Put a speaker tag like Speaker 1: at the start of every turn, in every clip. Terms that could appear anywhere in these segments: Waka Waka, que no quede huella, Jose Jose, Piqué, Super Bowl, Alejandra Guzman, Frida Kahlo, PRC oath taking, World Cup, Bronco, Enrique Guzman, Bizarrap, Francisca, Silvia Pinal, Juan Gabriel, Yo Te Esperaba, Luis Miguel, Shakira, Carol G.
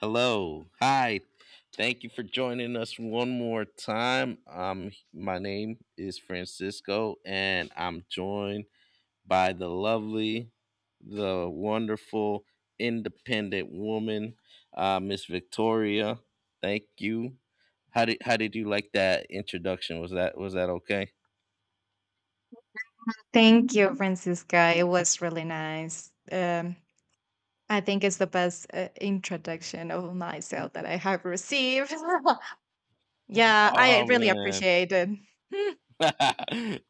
Speaker 1: Hello. Hi. Thank you for joining us one more time. My name is Francisco, and I'm joined by the lovely, the wonderful, independent woman, Miss Victoria. Thank you. How did you like that introduction? Was that okay?
Speaker 2: Thank you, Francisca. It was really nice. I think it's the best introduction of myself that I have received. Yeah, I
Speaker 1: Oh
Speaker 2: really
Speaker 1: man.
Speaker 2: appreciate it.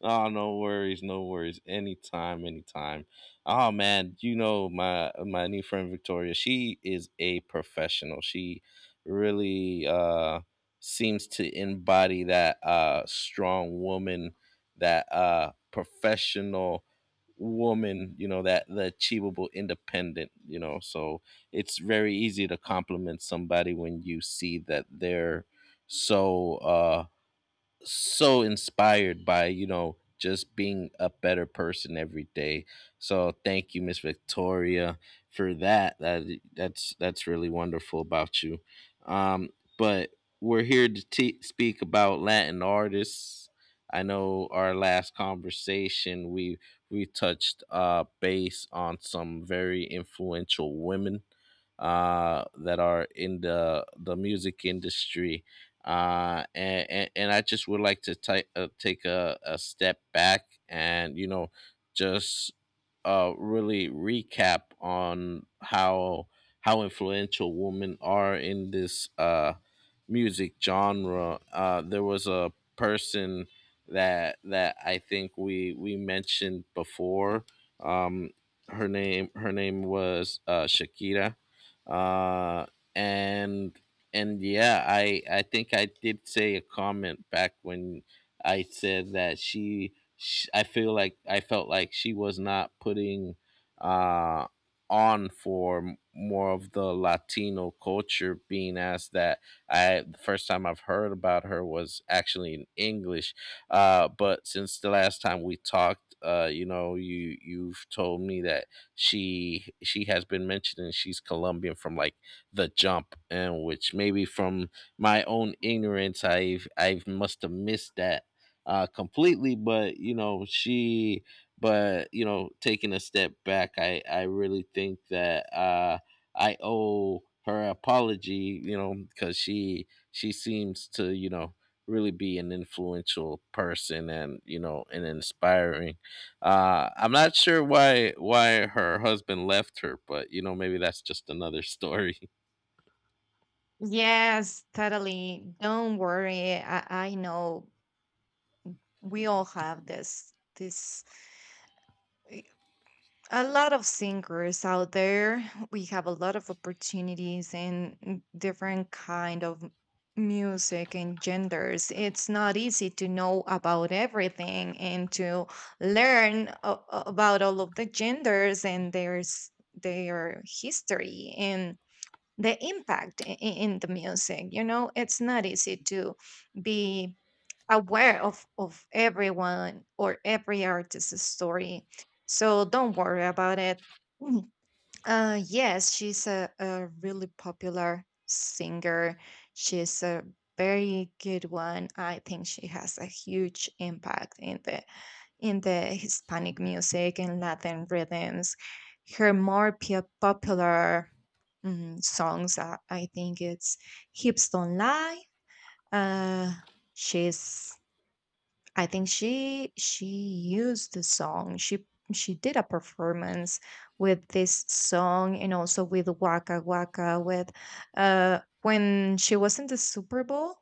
Speaker 1: Oh, no worries, no worries. Anytime, anytime. Oh man, my new friend Victoria, she is a professional. She really seems to embody that strong woman, that professional woman, that the achievable independent, so it's very easy to compliment somebody when you see that they're so so inspired by, just being a better person every day. So thank you, Miss Victoria, for that, that's really wonderful about you. Um but we're here to te speak about Latin artists. I know our last conversation, we touched base on some very influential women that are in the music industry. And I just would like to take take a step back, and just really recap on how influential women are in this music genre. There was a person that I think we mentioned before. Um, her name was Shakira, uh, and and yeah, I think I did say a comment back when I said that she, sh I feel like I felt like she was not putting uh on for more of the Latino culture, being as that I, the first time I've heard about her was actually in English. But since the last time we talked, you know, you've told me that she has been mentioning she's Colombian from like the jump, and which maybe from my own ignorance, I must have missed that completely. But you know, taking a step back, I really think that I owe her apology. You know, because she seems to, you know, really be an influential person, and you know, and inspiring. I'm not sure why her husband left her, but you know, maybe that's just another story.
Speaker 2: Yes, totally. Don't worry. I know we all have this, a lot of singers out there. We have a lot of opportunities in different kind of music and genders. It's not easy to know about everything and to learn about all of the genders and their history and the impact in the music. You know, it's not easy to be aware of everyone or every artist's story, so don't worry about it. Yes, she's a really popular singer. She's a very good one. I think she has a huge impact in the Hispanic music and Latin rhythms. Her popular songs, I think it's "Hips Don't Lie." Uh, she's I think she used the song. She did a performance with this song and also with Waka Waka with when she was in the Super Bowl,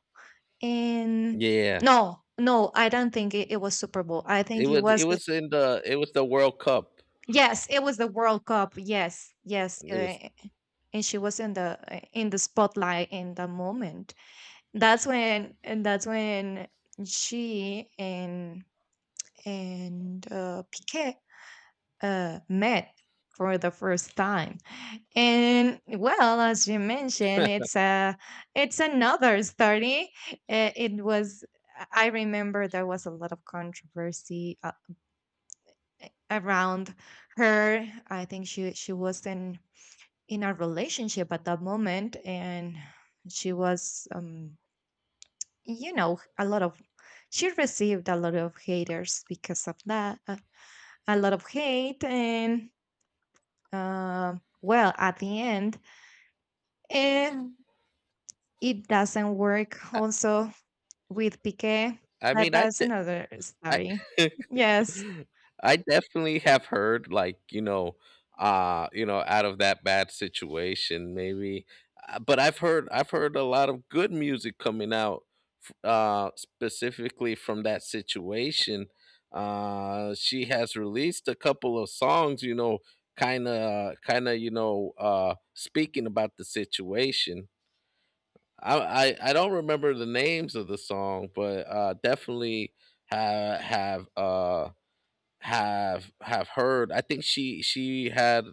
Speaker 2: and
Speaker 1: Yeah,
Speaker 2: no, no, I don't think it was Super Bowl. I think it
Speaker 1: it
Speaker 2: was the
Speaker 1: was in the it was the World Cup.
Speaker 2: yes, it was the World Cup. Yes, yes,
Speaker 1: It was,
Speaker 2: and she was in the spotlight in the moment. That's when and that's when she and Piquet met for the first time. And well, as you mentioned, it's another story. It was I remember there was a lot of controversy around her. I think she was in a relationship at that moment, and she was you know a lot of she received a lot of haters because of that a lot of hate and well, at the end, and it doesn't work
Speaker 1: I,
Speaker 2: also with Piqué.
Speaker 1: I
Speaker 2: But
Speaker 1: mean I
Speaker 2: that's
Speaker 1: de-
Speaker 2: another
Speaker 1: I
Speaker 2: story. Yes.
Speaker 1: I definitely have heard, like, you know, out of that bad situation maybe. But I've heard, I've heard a lot of good music coming out specifically from that situation. She has released a couple of songs, you know, kind of, you know, speaking about the situation. I don't remember the names of the song, but definitely have, have heard. I think she had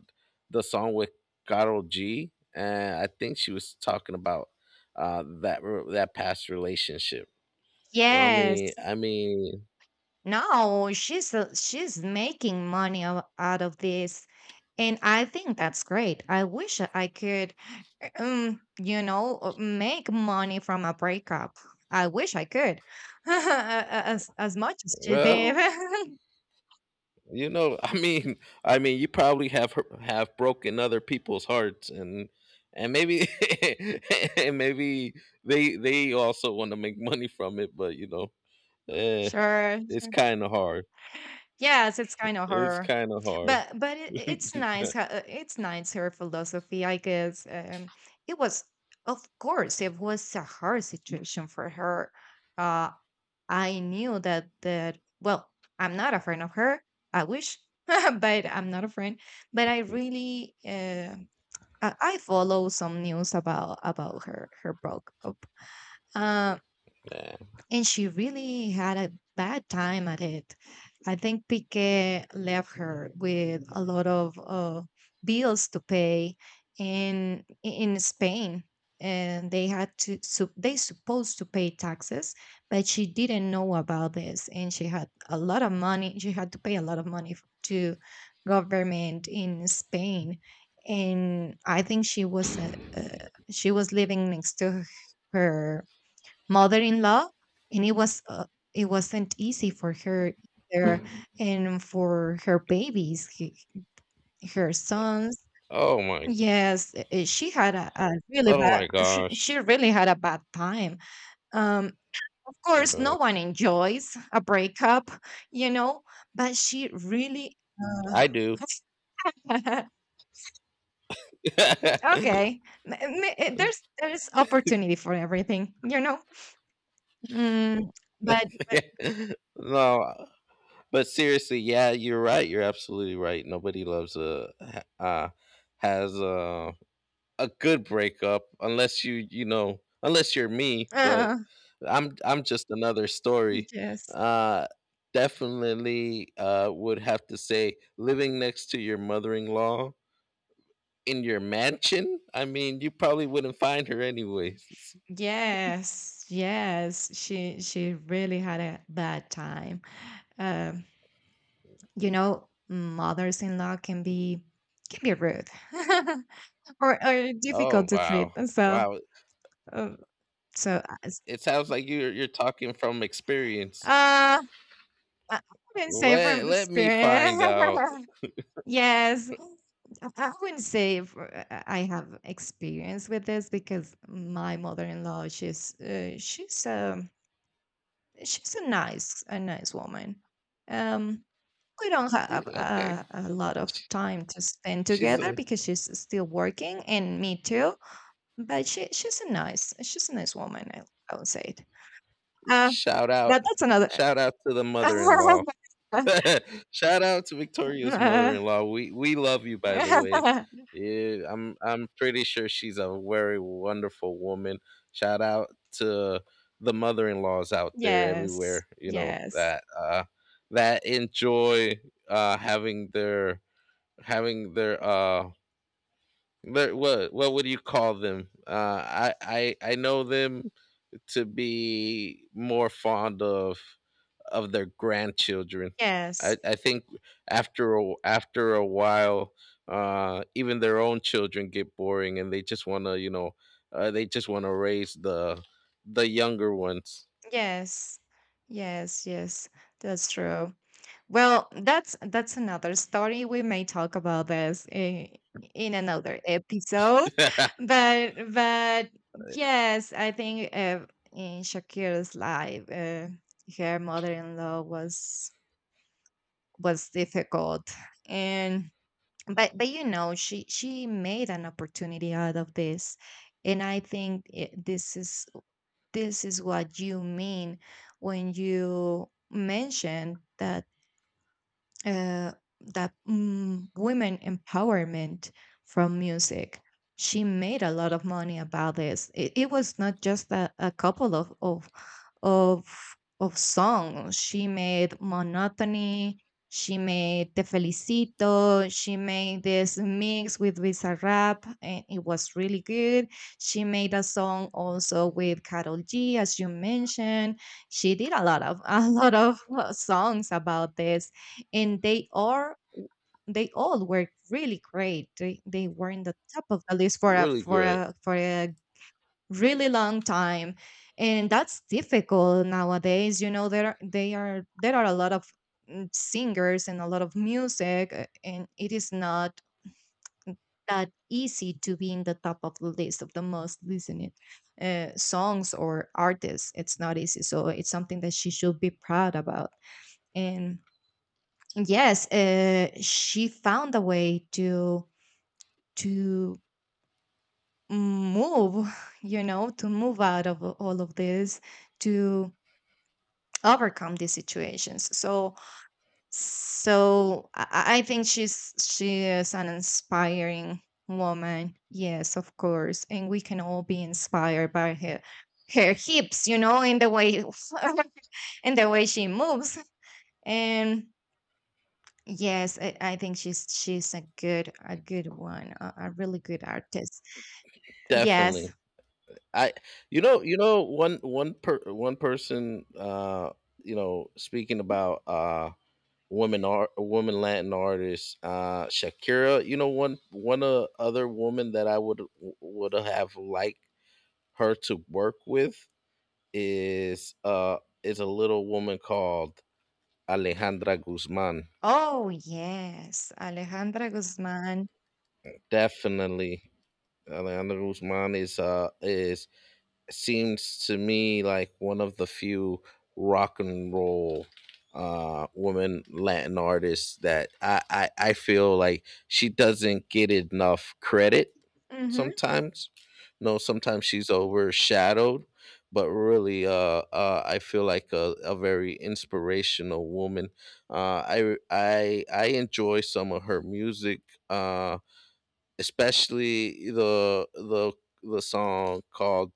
Speaker 1: the song with Carol G, and I think she was talking about that that past relationship. I
Speaker 2: Yes.
Speaker 1: mean, I mean,
Speaker 2: No, she's making money out of this, and I think that's great. I wish I could, you know, make money from a breakup. I wish I could, as much as she did.
Speaker 1: well, You know, I mean, you probably have broken other people's hearts, and maybe and maybe they also want to make money from it, but you know, eh,
Speaker 2: Sure.
Speaker 1: it's kind of hard.
Speaker 2: Yes, it's kind of
Speaker 1: It's
Speaker 2: her,
Speaker 1: kind of hard.
Speaker 2: but it's nice. It's nice her philosophy, I guess. It was, of course, it was a hard situation for her. Uh, I knew that that. Well, I'm not a friend of her. I wish, but I'm not a friend. But I really, I follow some news about her her broke up. Uh,
Speaker 1: Yeah.
Speaker 2: and she really had a bad time at it. I think Piqué left her with a lot of bills to pay in Spain, and they had to so they supposed to pay taxes, but she didn't know about this, and she had a lot of money. She had to pay a lot of money to government in Spain, and I think she was living next to her mother-in-law, and it was it wasn't easy for her either and for her her sons.
Speaker 1: Oh my,
Speaker 2: Yes, she had a really
Speaker 1: oh
Speaker 2: bad
Speaker 1: my
Speaker 2: she
Speaker 1: gosh.
Speaker 2: really had a bad time. um of course
Speaker 1: Uh,
Speaker 2: no one enjoys a breakup, you know, but she really uh,
Speaker 1: I do.
Speaker 2: okay. There's opportunity for everything, you know. mm, but
Speaker 1: No, but seriously, yeah, you're right. You're absolutely right. Nobody loves a ha- has a. a good breakup unless you, you know, unless you're me, but
Speaker 2: uh,
Speaker 1: I'm just another story.
Speaker 2: yes.
Speaker 1: uh Definitely would have to say living next to your mother-in-law in your mansion, I mean, you probably wouldn't find her anyways.
Speaker 2: Yes, yes, she really had a bad time. Um, you know, mothers-in-law can be rude or
Speaker 1: Oh
Speaker 2: difficult to treat.
Speaker 1: wow.
Speaker 2: And so,
Speaker 1: Wow.
Speaker 2: um, so as-
Speaker 1: It sounds like you're talking from experience.
Speaker 2: uh, I wouldn't say from
Speaker 1: Let, let me
Speaker 2: experience.
Speaker 1: find out.
Speaker 2: Yes, I wouldn't say if, I have experience with this because my mother-in-law, she's a nice woman. Um, We don't
Speaker 1: Okay,
Speaker 2: have
Speaker 1: okay.
Speaker 2: a lot of time to spend
Speaker 1: she's
Speaker 2: together
Speaker 1: a
Speaker 2: because she's still working and me too. But she she's a nice woman. I would say it. Uh,
Speaker 1: Shout
Speaker 2: but
Speaker 1: out,
Speaker 2: that's another.
Speaker 1: shout out to the mother-in-law. Shout out to Victoria's mother-in-law. We love you, by the way. Yeah, I'm pretty sure she's a very wonderful woman. Shout out to the mother-in-laws out there
Speaker 2: Yes,
Speaker 1: everywhere. You know
Speaker 2: yes,
Speaker 1: that that enjoy having their having their uh their, what would you call them? I know them to be more fond of their grandchildren.
Speaker 2: yes,
Speaker 1: I think after after a while, even their own children get boring, and they just want to, you know, they just want to raise the younger ones.
Speaker 2: yes, yes, yes. That's true. Well, that's another story. We may talk about this in another episode, but yes, I think in Shakira's life, her mother-in-law was difficult, and but you know she made an opportunity out of this, and I think this is what you mean when you mention that uh, that women empowerment from music. She made a lot of money about this. It was not just a couple of of songs. She made monotony. She made Te Felicito. She made this mix with Bizarrap, and it was really good. She made a song also with Carol G, as you mentioned. She did a lot of a lot of songs about this, and they all were really great. They were in the top of the list for a
Speaker 1: Really
Speaker 2: for
Speaker 1: great,
Speaker 2: a for a really long time, and that's difficult nowadays. You know there are, they are there are a lot of singers and a lot of music, and it is not that easy to be in the top of the list of the most listened songs or artists. It's not easy, so it's something that she should be proud about. And yes, she found a way to move, you know, to move out of all of this, to overcome these situations. So, so I, I think she is an inspiring woman. Yes, of course, and we can all be inspired by her her hips, you know, in the way in the way she moves and. Yes, I think she's a good one, a really good artist. Yes.
Speaker 1: definitely. I, you know, One person, speaking about woman art, woman Latin artists, Shakira. You know, one one other woman that I would have liked her to work with is uh is a little woman called Alejandra Guzman.
Speaker 2: Oh yes, Alejandra Guzman.
Speaker 1: Definitely Alejandra Guzman is seems to me like one of the few rock and roll woman Latin artists that I feel like she doesn't get enough credit
Speaker 2: Hmm.
Speaker 1: sometimes. No, sometimes she's overshadowed, but really, I feel like a very inspirational woman. I enjoy some of her music, uh, especially the song called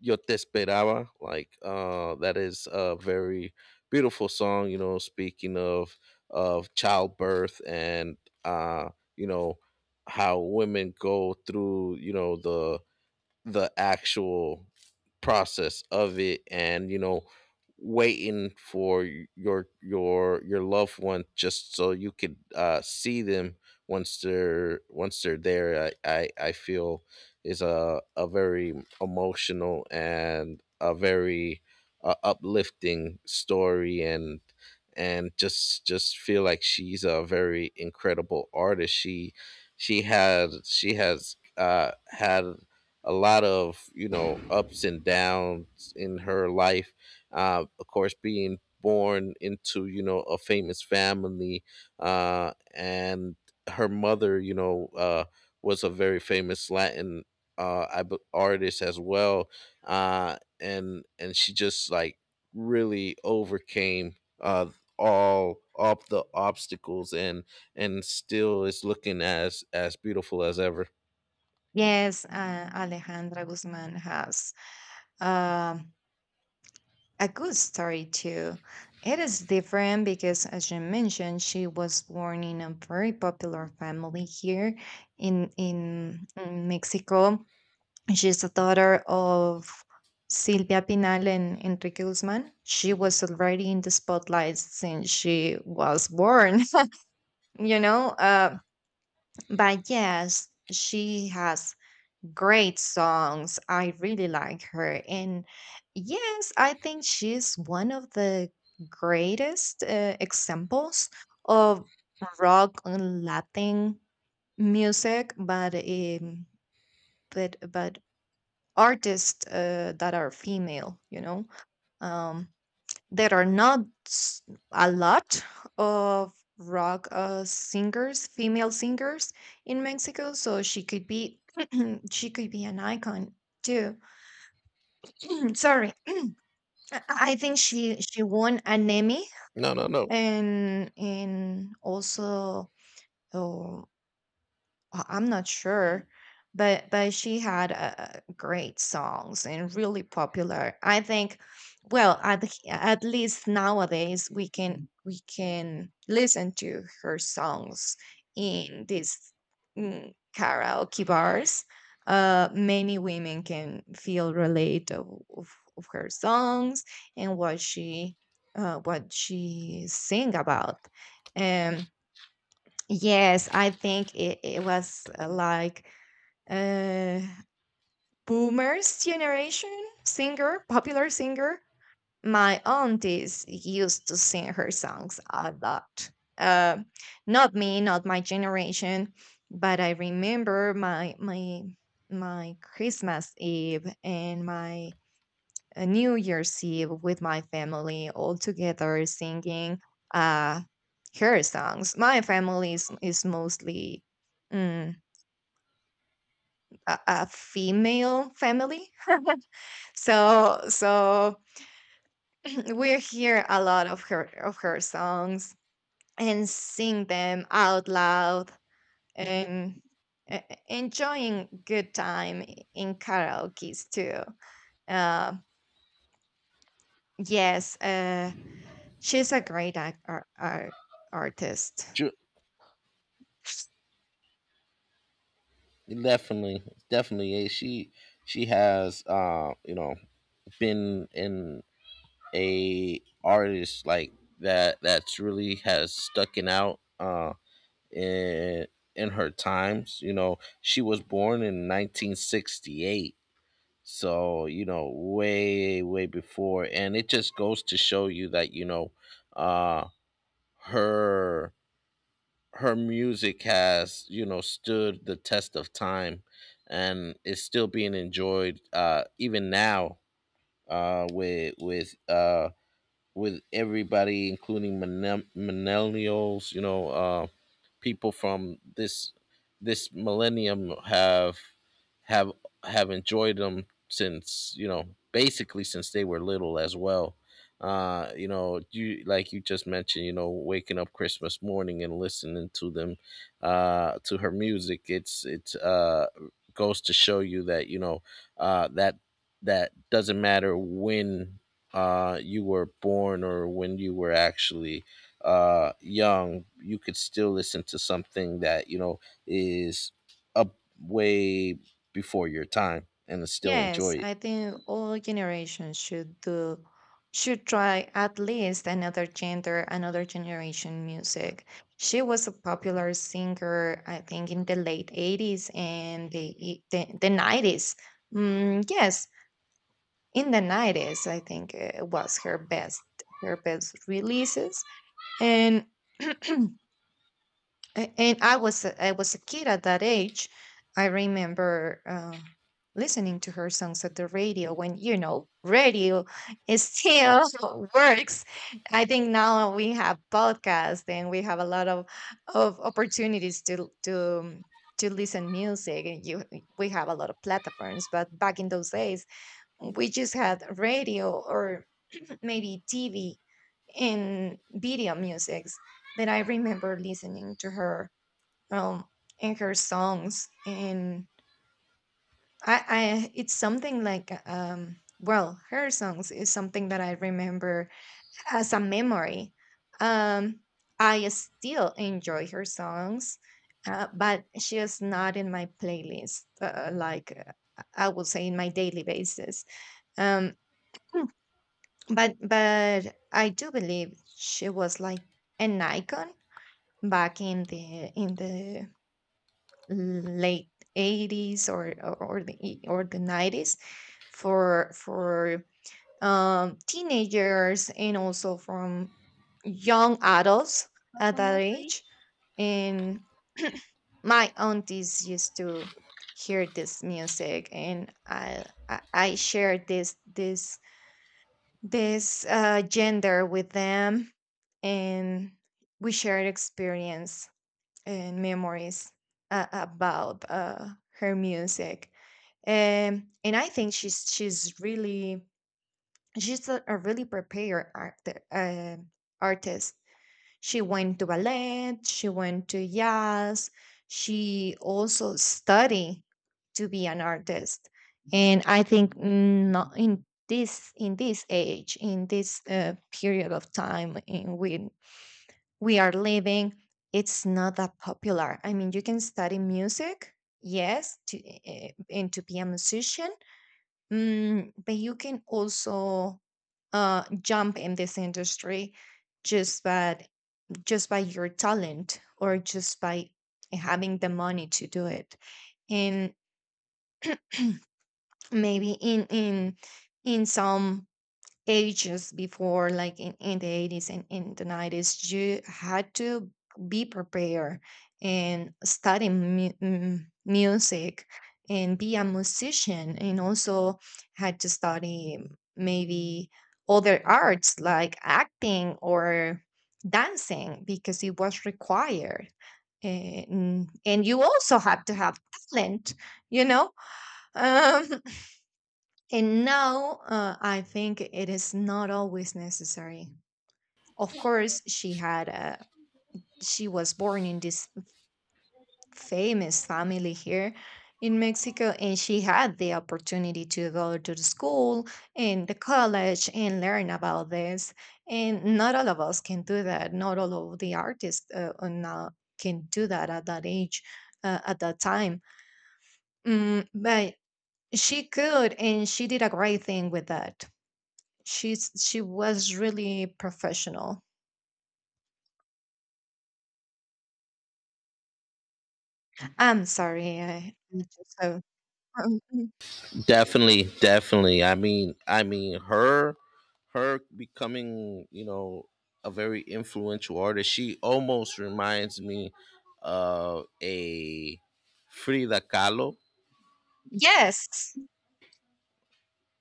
Speaker 1: Yo Te Esperaba. Like that is a very beautiful song. You know, speaking of childbirth and, uh, you know, how women go through, you know, the actual process of it, and you know, waiting for your, your loved one, just so you could see them once they're, once they're there. I feel is a very emotional and a very uplifting story, and just feel like she's a very incredible artist. She has had a lot of, you know, ups and downs in her life. Of course, being born into, you know, a famous family, and her mother, you know, was a very famous Latin artist as well, and she just like really overcame uh, all the obstacles and still is looking as beautiful as ever.
Speaker 2: Yes, Alejandra Guzman has um a good story too. It is different because, as you mentioned, she was born in a very popular family here in in Mexico. She's the daughter of Silvia Pinal and Enrique Guzman. She was already in the spotlight since she was born, you know. But yes, she has great songs. I really like her. And yes, I think she's one of the greatest examples of rock and Latin music, but artists that are female, you know. Um, there are not s- a lot of rock singers, female singers in Mexico, so she could be she could be an icon too. I'm sorry, I I think she won an Emmy
Speaker 1: No, no, no.
Speaker 2: and also uh, I'm not sure, but she had great songs and really popular. I think, well, at at least nowadays we can listen to her songs in these karaoke bars. Many women can feel relate of her songs and what she sing about. Yes, I think it was like uh boomers generation singer, popular singer. My aunties used to sing her songs a lot. Uh, not me, not my generation, but I remember my Christmas Eve and my a New Year's Eve with my family all together singing uh, her songs. My family is mostly mm, a female family, so so we hear a lot of her songs and sing them out loud and e- enjoying good time in karaoke's too. Uh, yes, she's a great artist.
Speaker 1: Definitely, definitely. She has you know, been in a artist like that that's really has stucking out in in her times. You know, she was born in 1968. So, you know, way, way before. And it just goes to show you that, you know, uh her her music has, you know, stood the test of time, and is still being enjoyed even now, uh with with uh with everybody, including millennials, you know. People from this millennium have have enjoyed them since, you know, basically since they were little as well. You know, you like you just mentioned, you know, waking up Christmas morning and listening to them, to her music. It's goes to show you that, you know, uh that that doesn't matter when you were born, or when you were actually young, you could still listen to something that, you know, is up way before your time and still
Speaker 2: Yes,
Speaker 1: enjoy
Speaker 2: I
Speaker 1: it.
Speaker 2: think all generations should do should try at least another gender, another generation music. She was a popular singer, I think, in the late 80s and the 90s. Mm, yes, in the 90s, I think was her best releases. And and I was I was a kid at that age. I remember listening to her songs at the radio when you know radio is still works. I think now we have podcasts and we have a lot of opportunities to listen music and you we have a lot of platforms. But back in those days, we just had radio or maybe TV and video musics. But I remember listening to her um and her songs, and I it's something like well her songs is something that I remember as a memory. um I still enjoy her songs, but she is not in my playlist, like, I would say in my daily basis. um but I do believe she was like an icon back in the late 80s or or or the 90s for teenagers and also from young adults at that age, and my aunties used to hear this music, and I shared this gender with them, and we shared experience and memories about her music. And I think she's a really prepared uh, artist. She went to ballet, she went to jazz, she also studied to be an artist. And I think not in this age, in this period of time in which we are living, it's not that popular. I mean, you can study music, yes, to eh, eh, and to be a musician, but you can also jump in this industry just by, just by your talent, or just by having the money to do it. And maybe in in some ages before, like in the 80s and in the 90s, you had to be prepared and study music and be a musician, and also had to study maybe other arts like acting or dancing, because it was required. And you also have to have talent, you know. um and now, I think it is not always necessary. Of course, she was born in this famous family here in Mexico, and she had the opportunity to go to the school and the college and learn about this. And not all of us can do that. Not all of the artists, are now, can do that at that age, at that time. But she could, and she did a great thing with that. She was really professional. I'm sorry, I just so um, mm,
Speaker 1: Definitely, definitely. I mean, her her becoming, you know, a very influential artist. She almost reminds me of a Frida Kahlo,
Speaker 2: yes.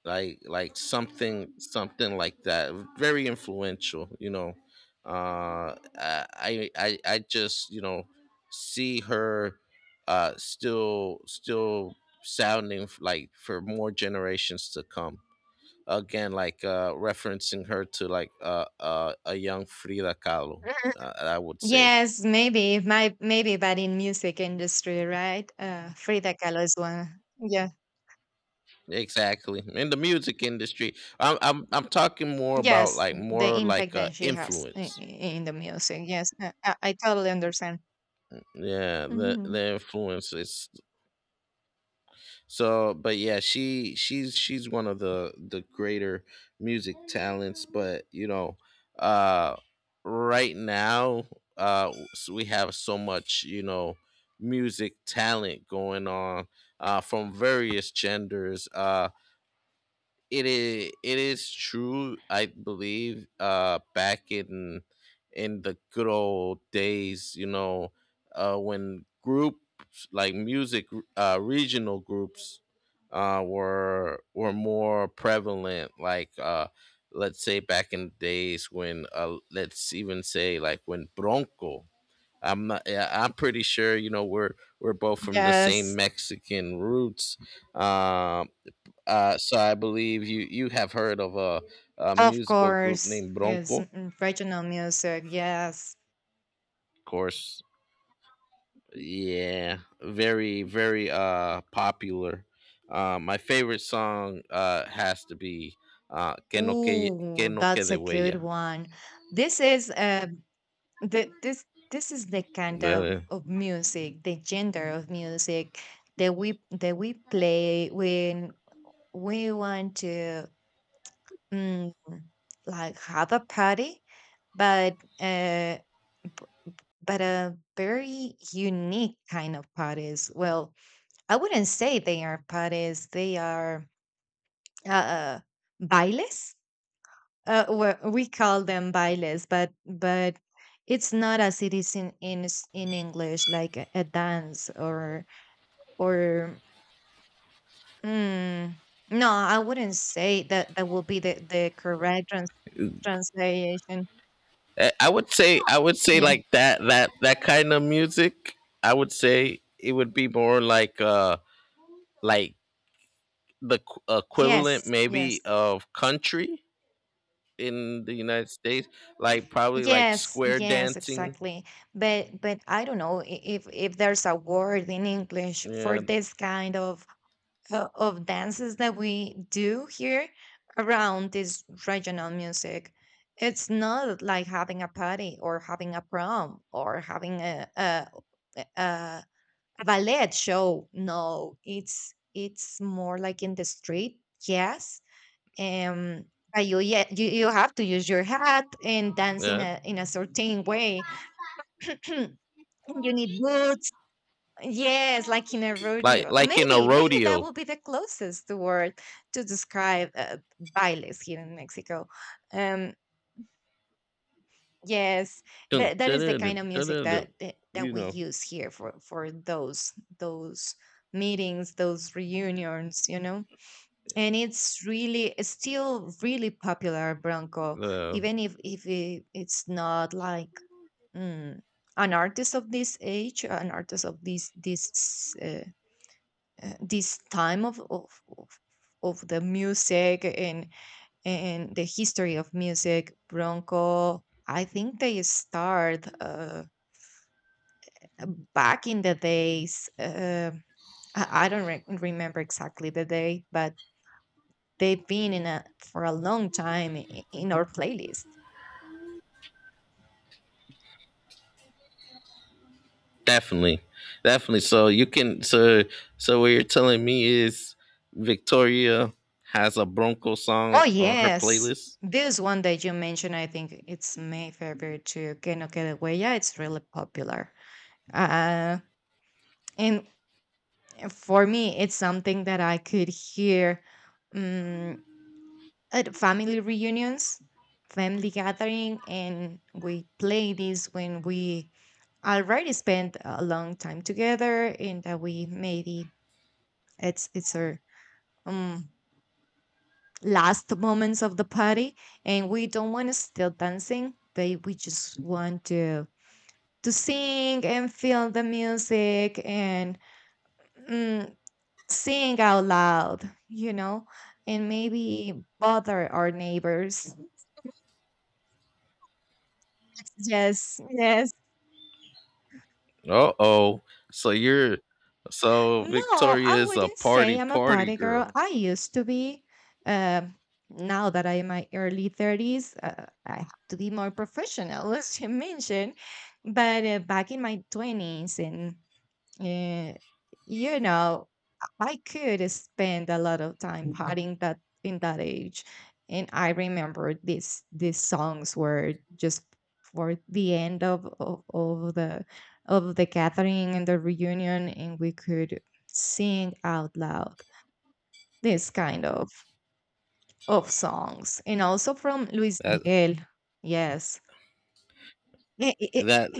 Speaker 1: like something, something like that, very influential, you know. I just, you know, see her still, still sounding like for more generations to come. Again, like referencing her to like, a young Frida Kahlo, I would say.
Speaker 2: Yes, maybe. My maybe but in music industry, right? Frida Kahlo is one. Yeah.
Speaker 1: Exactly, in the music industry. I'm talking more about
Speaker 2: Yes,
Speaker 1: like
Speaker 2: the
Speaker 1: more
Speaker 2: impact
Speaker 1: like
Speaker 2: that she has
Speaker 1: influence.
Speaker 2: in the music. Yes, I I totally understand.
Speaker 1: Yeah, the
Speaker 2: Mhm.
Speaker 1: the influence is so. But yeah, she's one of the greater music talents. But you know, uh right now, we have so much, you know, music talent going on, from various genders. It is, it is true. I believe back in the good old days, you know, when groups like music, regional groups were more prevalent. Like, let's say back in the days when, let's even say like when Bronco. I'm not Yeah, I'm pretty sure, you know, we're both from the same
Speaker 2: Yes,
Speaker 1: Mexican roots. um so I believe you, you have heard of a
Speaker 2: of
Speaker 1: musical group
Speaker 2: course.
Speaker 1: named
Speaker 2: Yes,
Speaker 1: Bronco, of
Speaker 2: regional music. Yes.
Speaker 1: course. Yeah, very, very popular. My favorite song has to be que
Speaker 2: Ooh,
Speaker 1: no
Speaker 2: that's
Speaker 1: quede
Speaker 2: a good
Speaker 1: huella.
Speaker 2: one. This is the, this is the kind
Speaker 1: The-
Speaker 2: of music, the gender of music that we play when we want to mm, like have a party, but uh, b- but a very unique kind of parties. Well, I wouldn't say they are parties; they are uh, uh, bailes. Well, we call them bailes, but it's not as it is in English, like a dance or or. Mm, no, I wouldn't say that that would be the correct translation.
Speaker 1: I would say, I would say
Speaker 2: Yeah.
Speaker 1: like that, that kind of music. I would say it would be more like, like the equivalent
Speaker 2: Yes. Yes.
Speaker 1: maybe of country in the United States, like probably like
Speaker 2: Yes,
Speaker 1: square
Speaker 2: yes,
Speaker 1: dancing.
Speaker 2: exactly. But I don't know if there's a word in English for
Speaker 1: Yeah,
Speaker 2: this kind of dances that we do here around this regional music. It's not like having a party or having a prom or having a, a ballet show. No, it's more like in the street. Yes, um, but you have to use your hat and dance in
Speaker 1: yeah,
Speaker 2: a certain way. you need boots. Yes, like in a
Speaker 1: like
Speaker 2: rodeo.
Speaker 1: like in a
Speaker 2: Maybe, maybe that
Speaker 1: rodeo.
Speaker 2: will be the closest word to describe bailes here in Mexico. Um, yes,
Speaker 1: Dun,
Speaker 2: that
Speaker 1: dun,
Speaker 2: is the
Speaker 1: dun, dun,
Speaker 2: kind of
Speaker 1: dun,
Speaker 2: music
Speaker 1: dun, dun.
Speaker 2: that
Speaker 1: You
Speaker 2: we
Speaker 1: know,
Speaker 2: use here for those meetings, those reunions, you know. And it's really, it's still really popular, bronco,
Speaker 1: uh,
Speaker 2: even if it, it's not like, mm, an artist of this age, an artist of this time of of the music, and the history of music. Bronco, I think they start back in the days, I don't remember exactly the day, but they've been in a for a long time in our playlist.
Speaker 1: definitely, definitely. So you can, so what you're telling me is Victoria has a Bronco
Speaker 2: Oh
Speaker 1: song on her
Speaker 2: yes,
Speaker 1: playlist.
Speaker 2: this one that you mentioned, I think it's my favorite too, que no quede huella. It's really popular, uh, and for me it's something that I could hear, um, at family reunions, family gathering, and we play this when we already spent a long time together, and that we maybe, it's our um last moments of the party, and we don't want to still dancing, but we just want to sing and feel the music and mm, sing out loud, you know, and maybe bother our neighbors. Yes, yes.
Speaker 1: Uh oh. So you're, so
Speaker 2: No,
Speaker 1: Victoria
Speaker 2: I
Speaker 1: is a
Speaker 2: wouldn't say
Speaker 1: party
Speaker 2: I'm a
Speaker 1: party
Speaker 2: party girl.
Speaker 1: girl.
Speaker 2: I used to be. Um, now that I'm in my early 30s, I have to be more professional, as you mentioned. But back in my 20s and Eh, you know, I could spend a lot of time partying that in that age. And I remember this these songs were just for the end of the gathering and the reunion, and we could sing out loud this kind of songs, and also from Luis
Speaker 1: That
Speaker 2: Miguel. Yes. Eh, eh,
Speaker 1: that
Speaker 2: eh.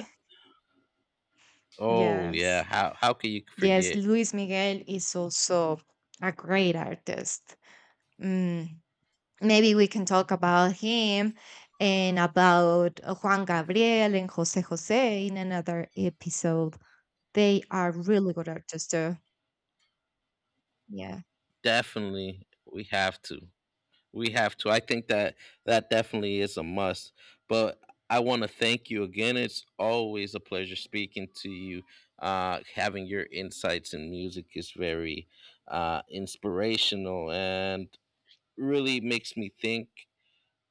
Speaker 1: Oh yeah.
Speaker 2: Yes.
Speaker 1: How can you
Speaker 2: Yes,
Speaker 1: forget?
Speaker 2: Luis Miguel is also a great artist. Mm, maybe we can talk about him and about Juan Gabriel and Jose Jose in another episode. They are really good artists, too. Yeah.
Speaker 1: Definitely, we have to. We have to. I think that that definitely is a must. But I want to thank you again. It's always a pleasure speaking to you. Having your insights in music is very inspirational, and really makes me think.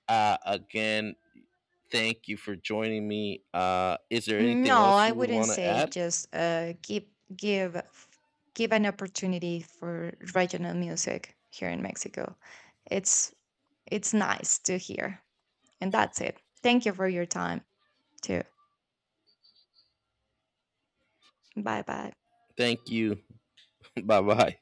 Speaker 1: Again, thank you for joining me. Is there anything
Speaker 2: No,
Speaker 1: else
Speaker 2: I
Speaker 1: you would
Speaker 2: wouldn't
Speaker 1: want to
Speaker 2: say,
Speaker 1: add?
Speaker 2: just give give f- give an opportunity for regional music here in Mexico. It's it's nice to hear, and that's it. Thank you for your time too. Bye bye.
Speaker 1: Thank you. Bye bye.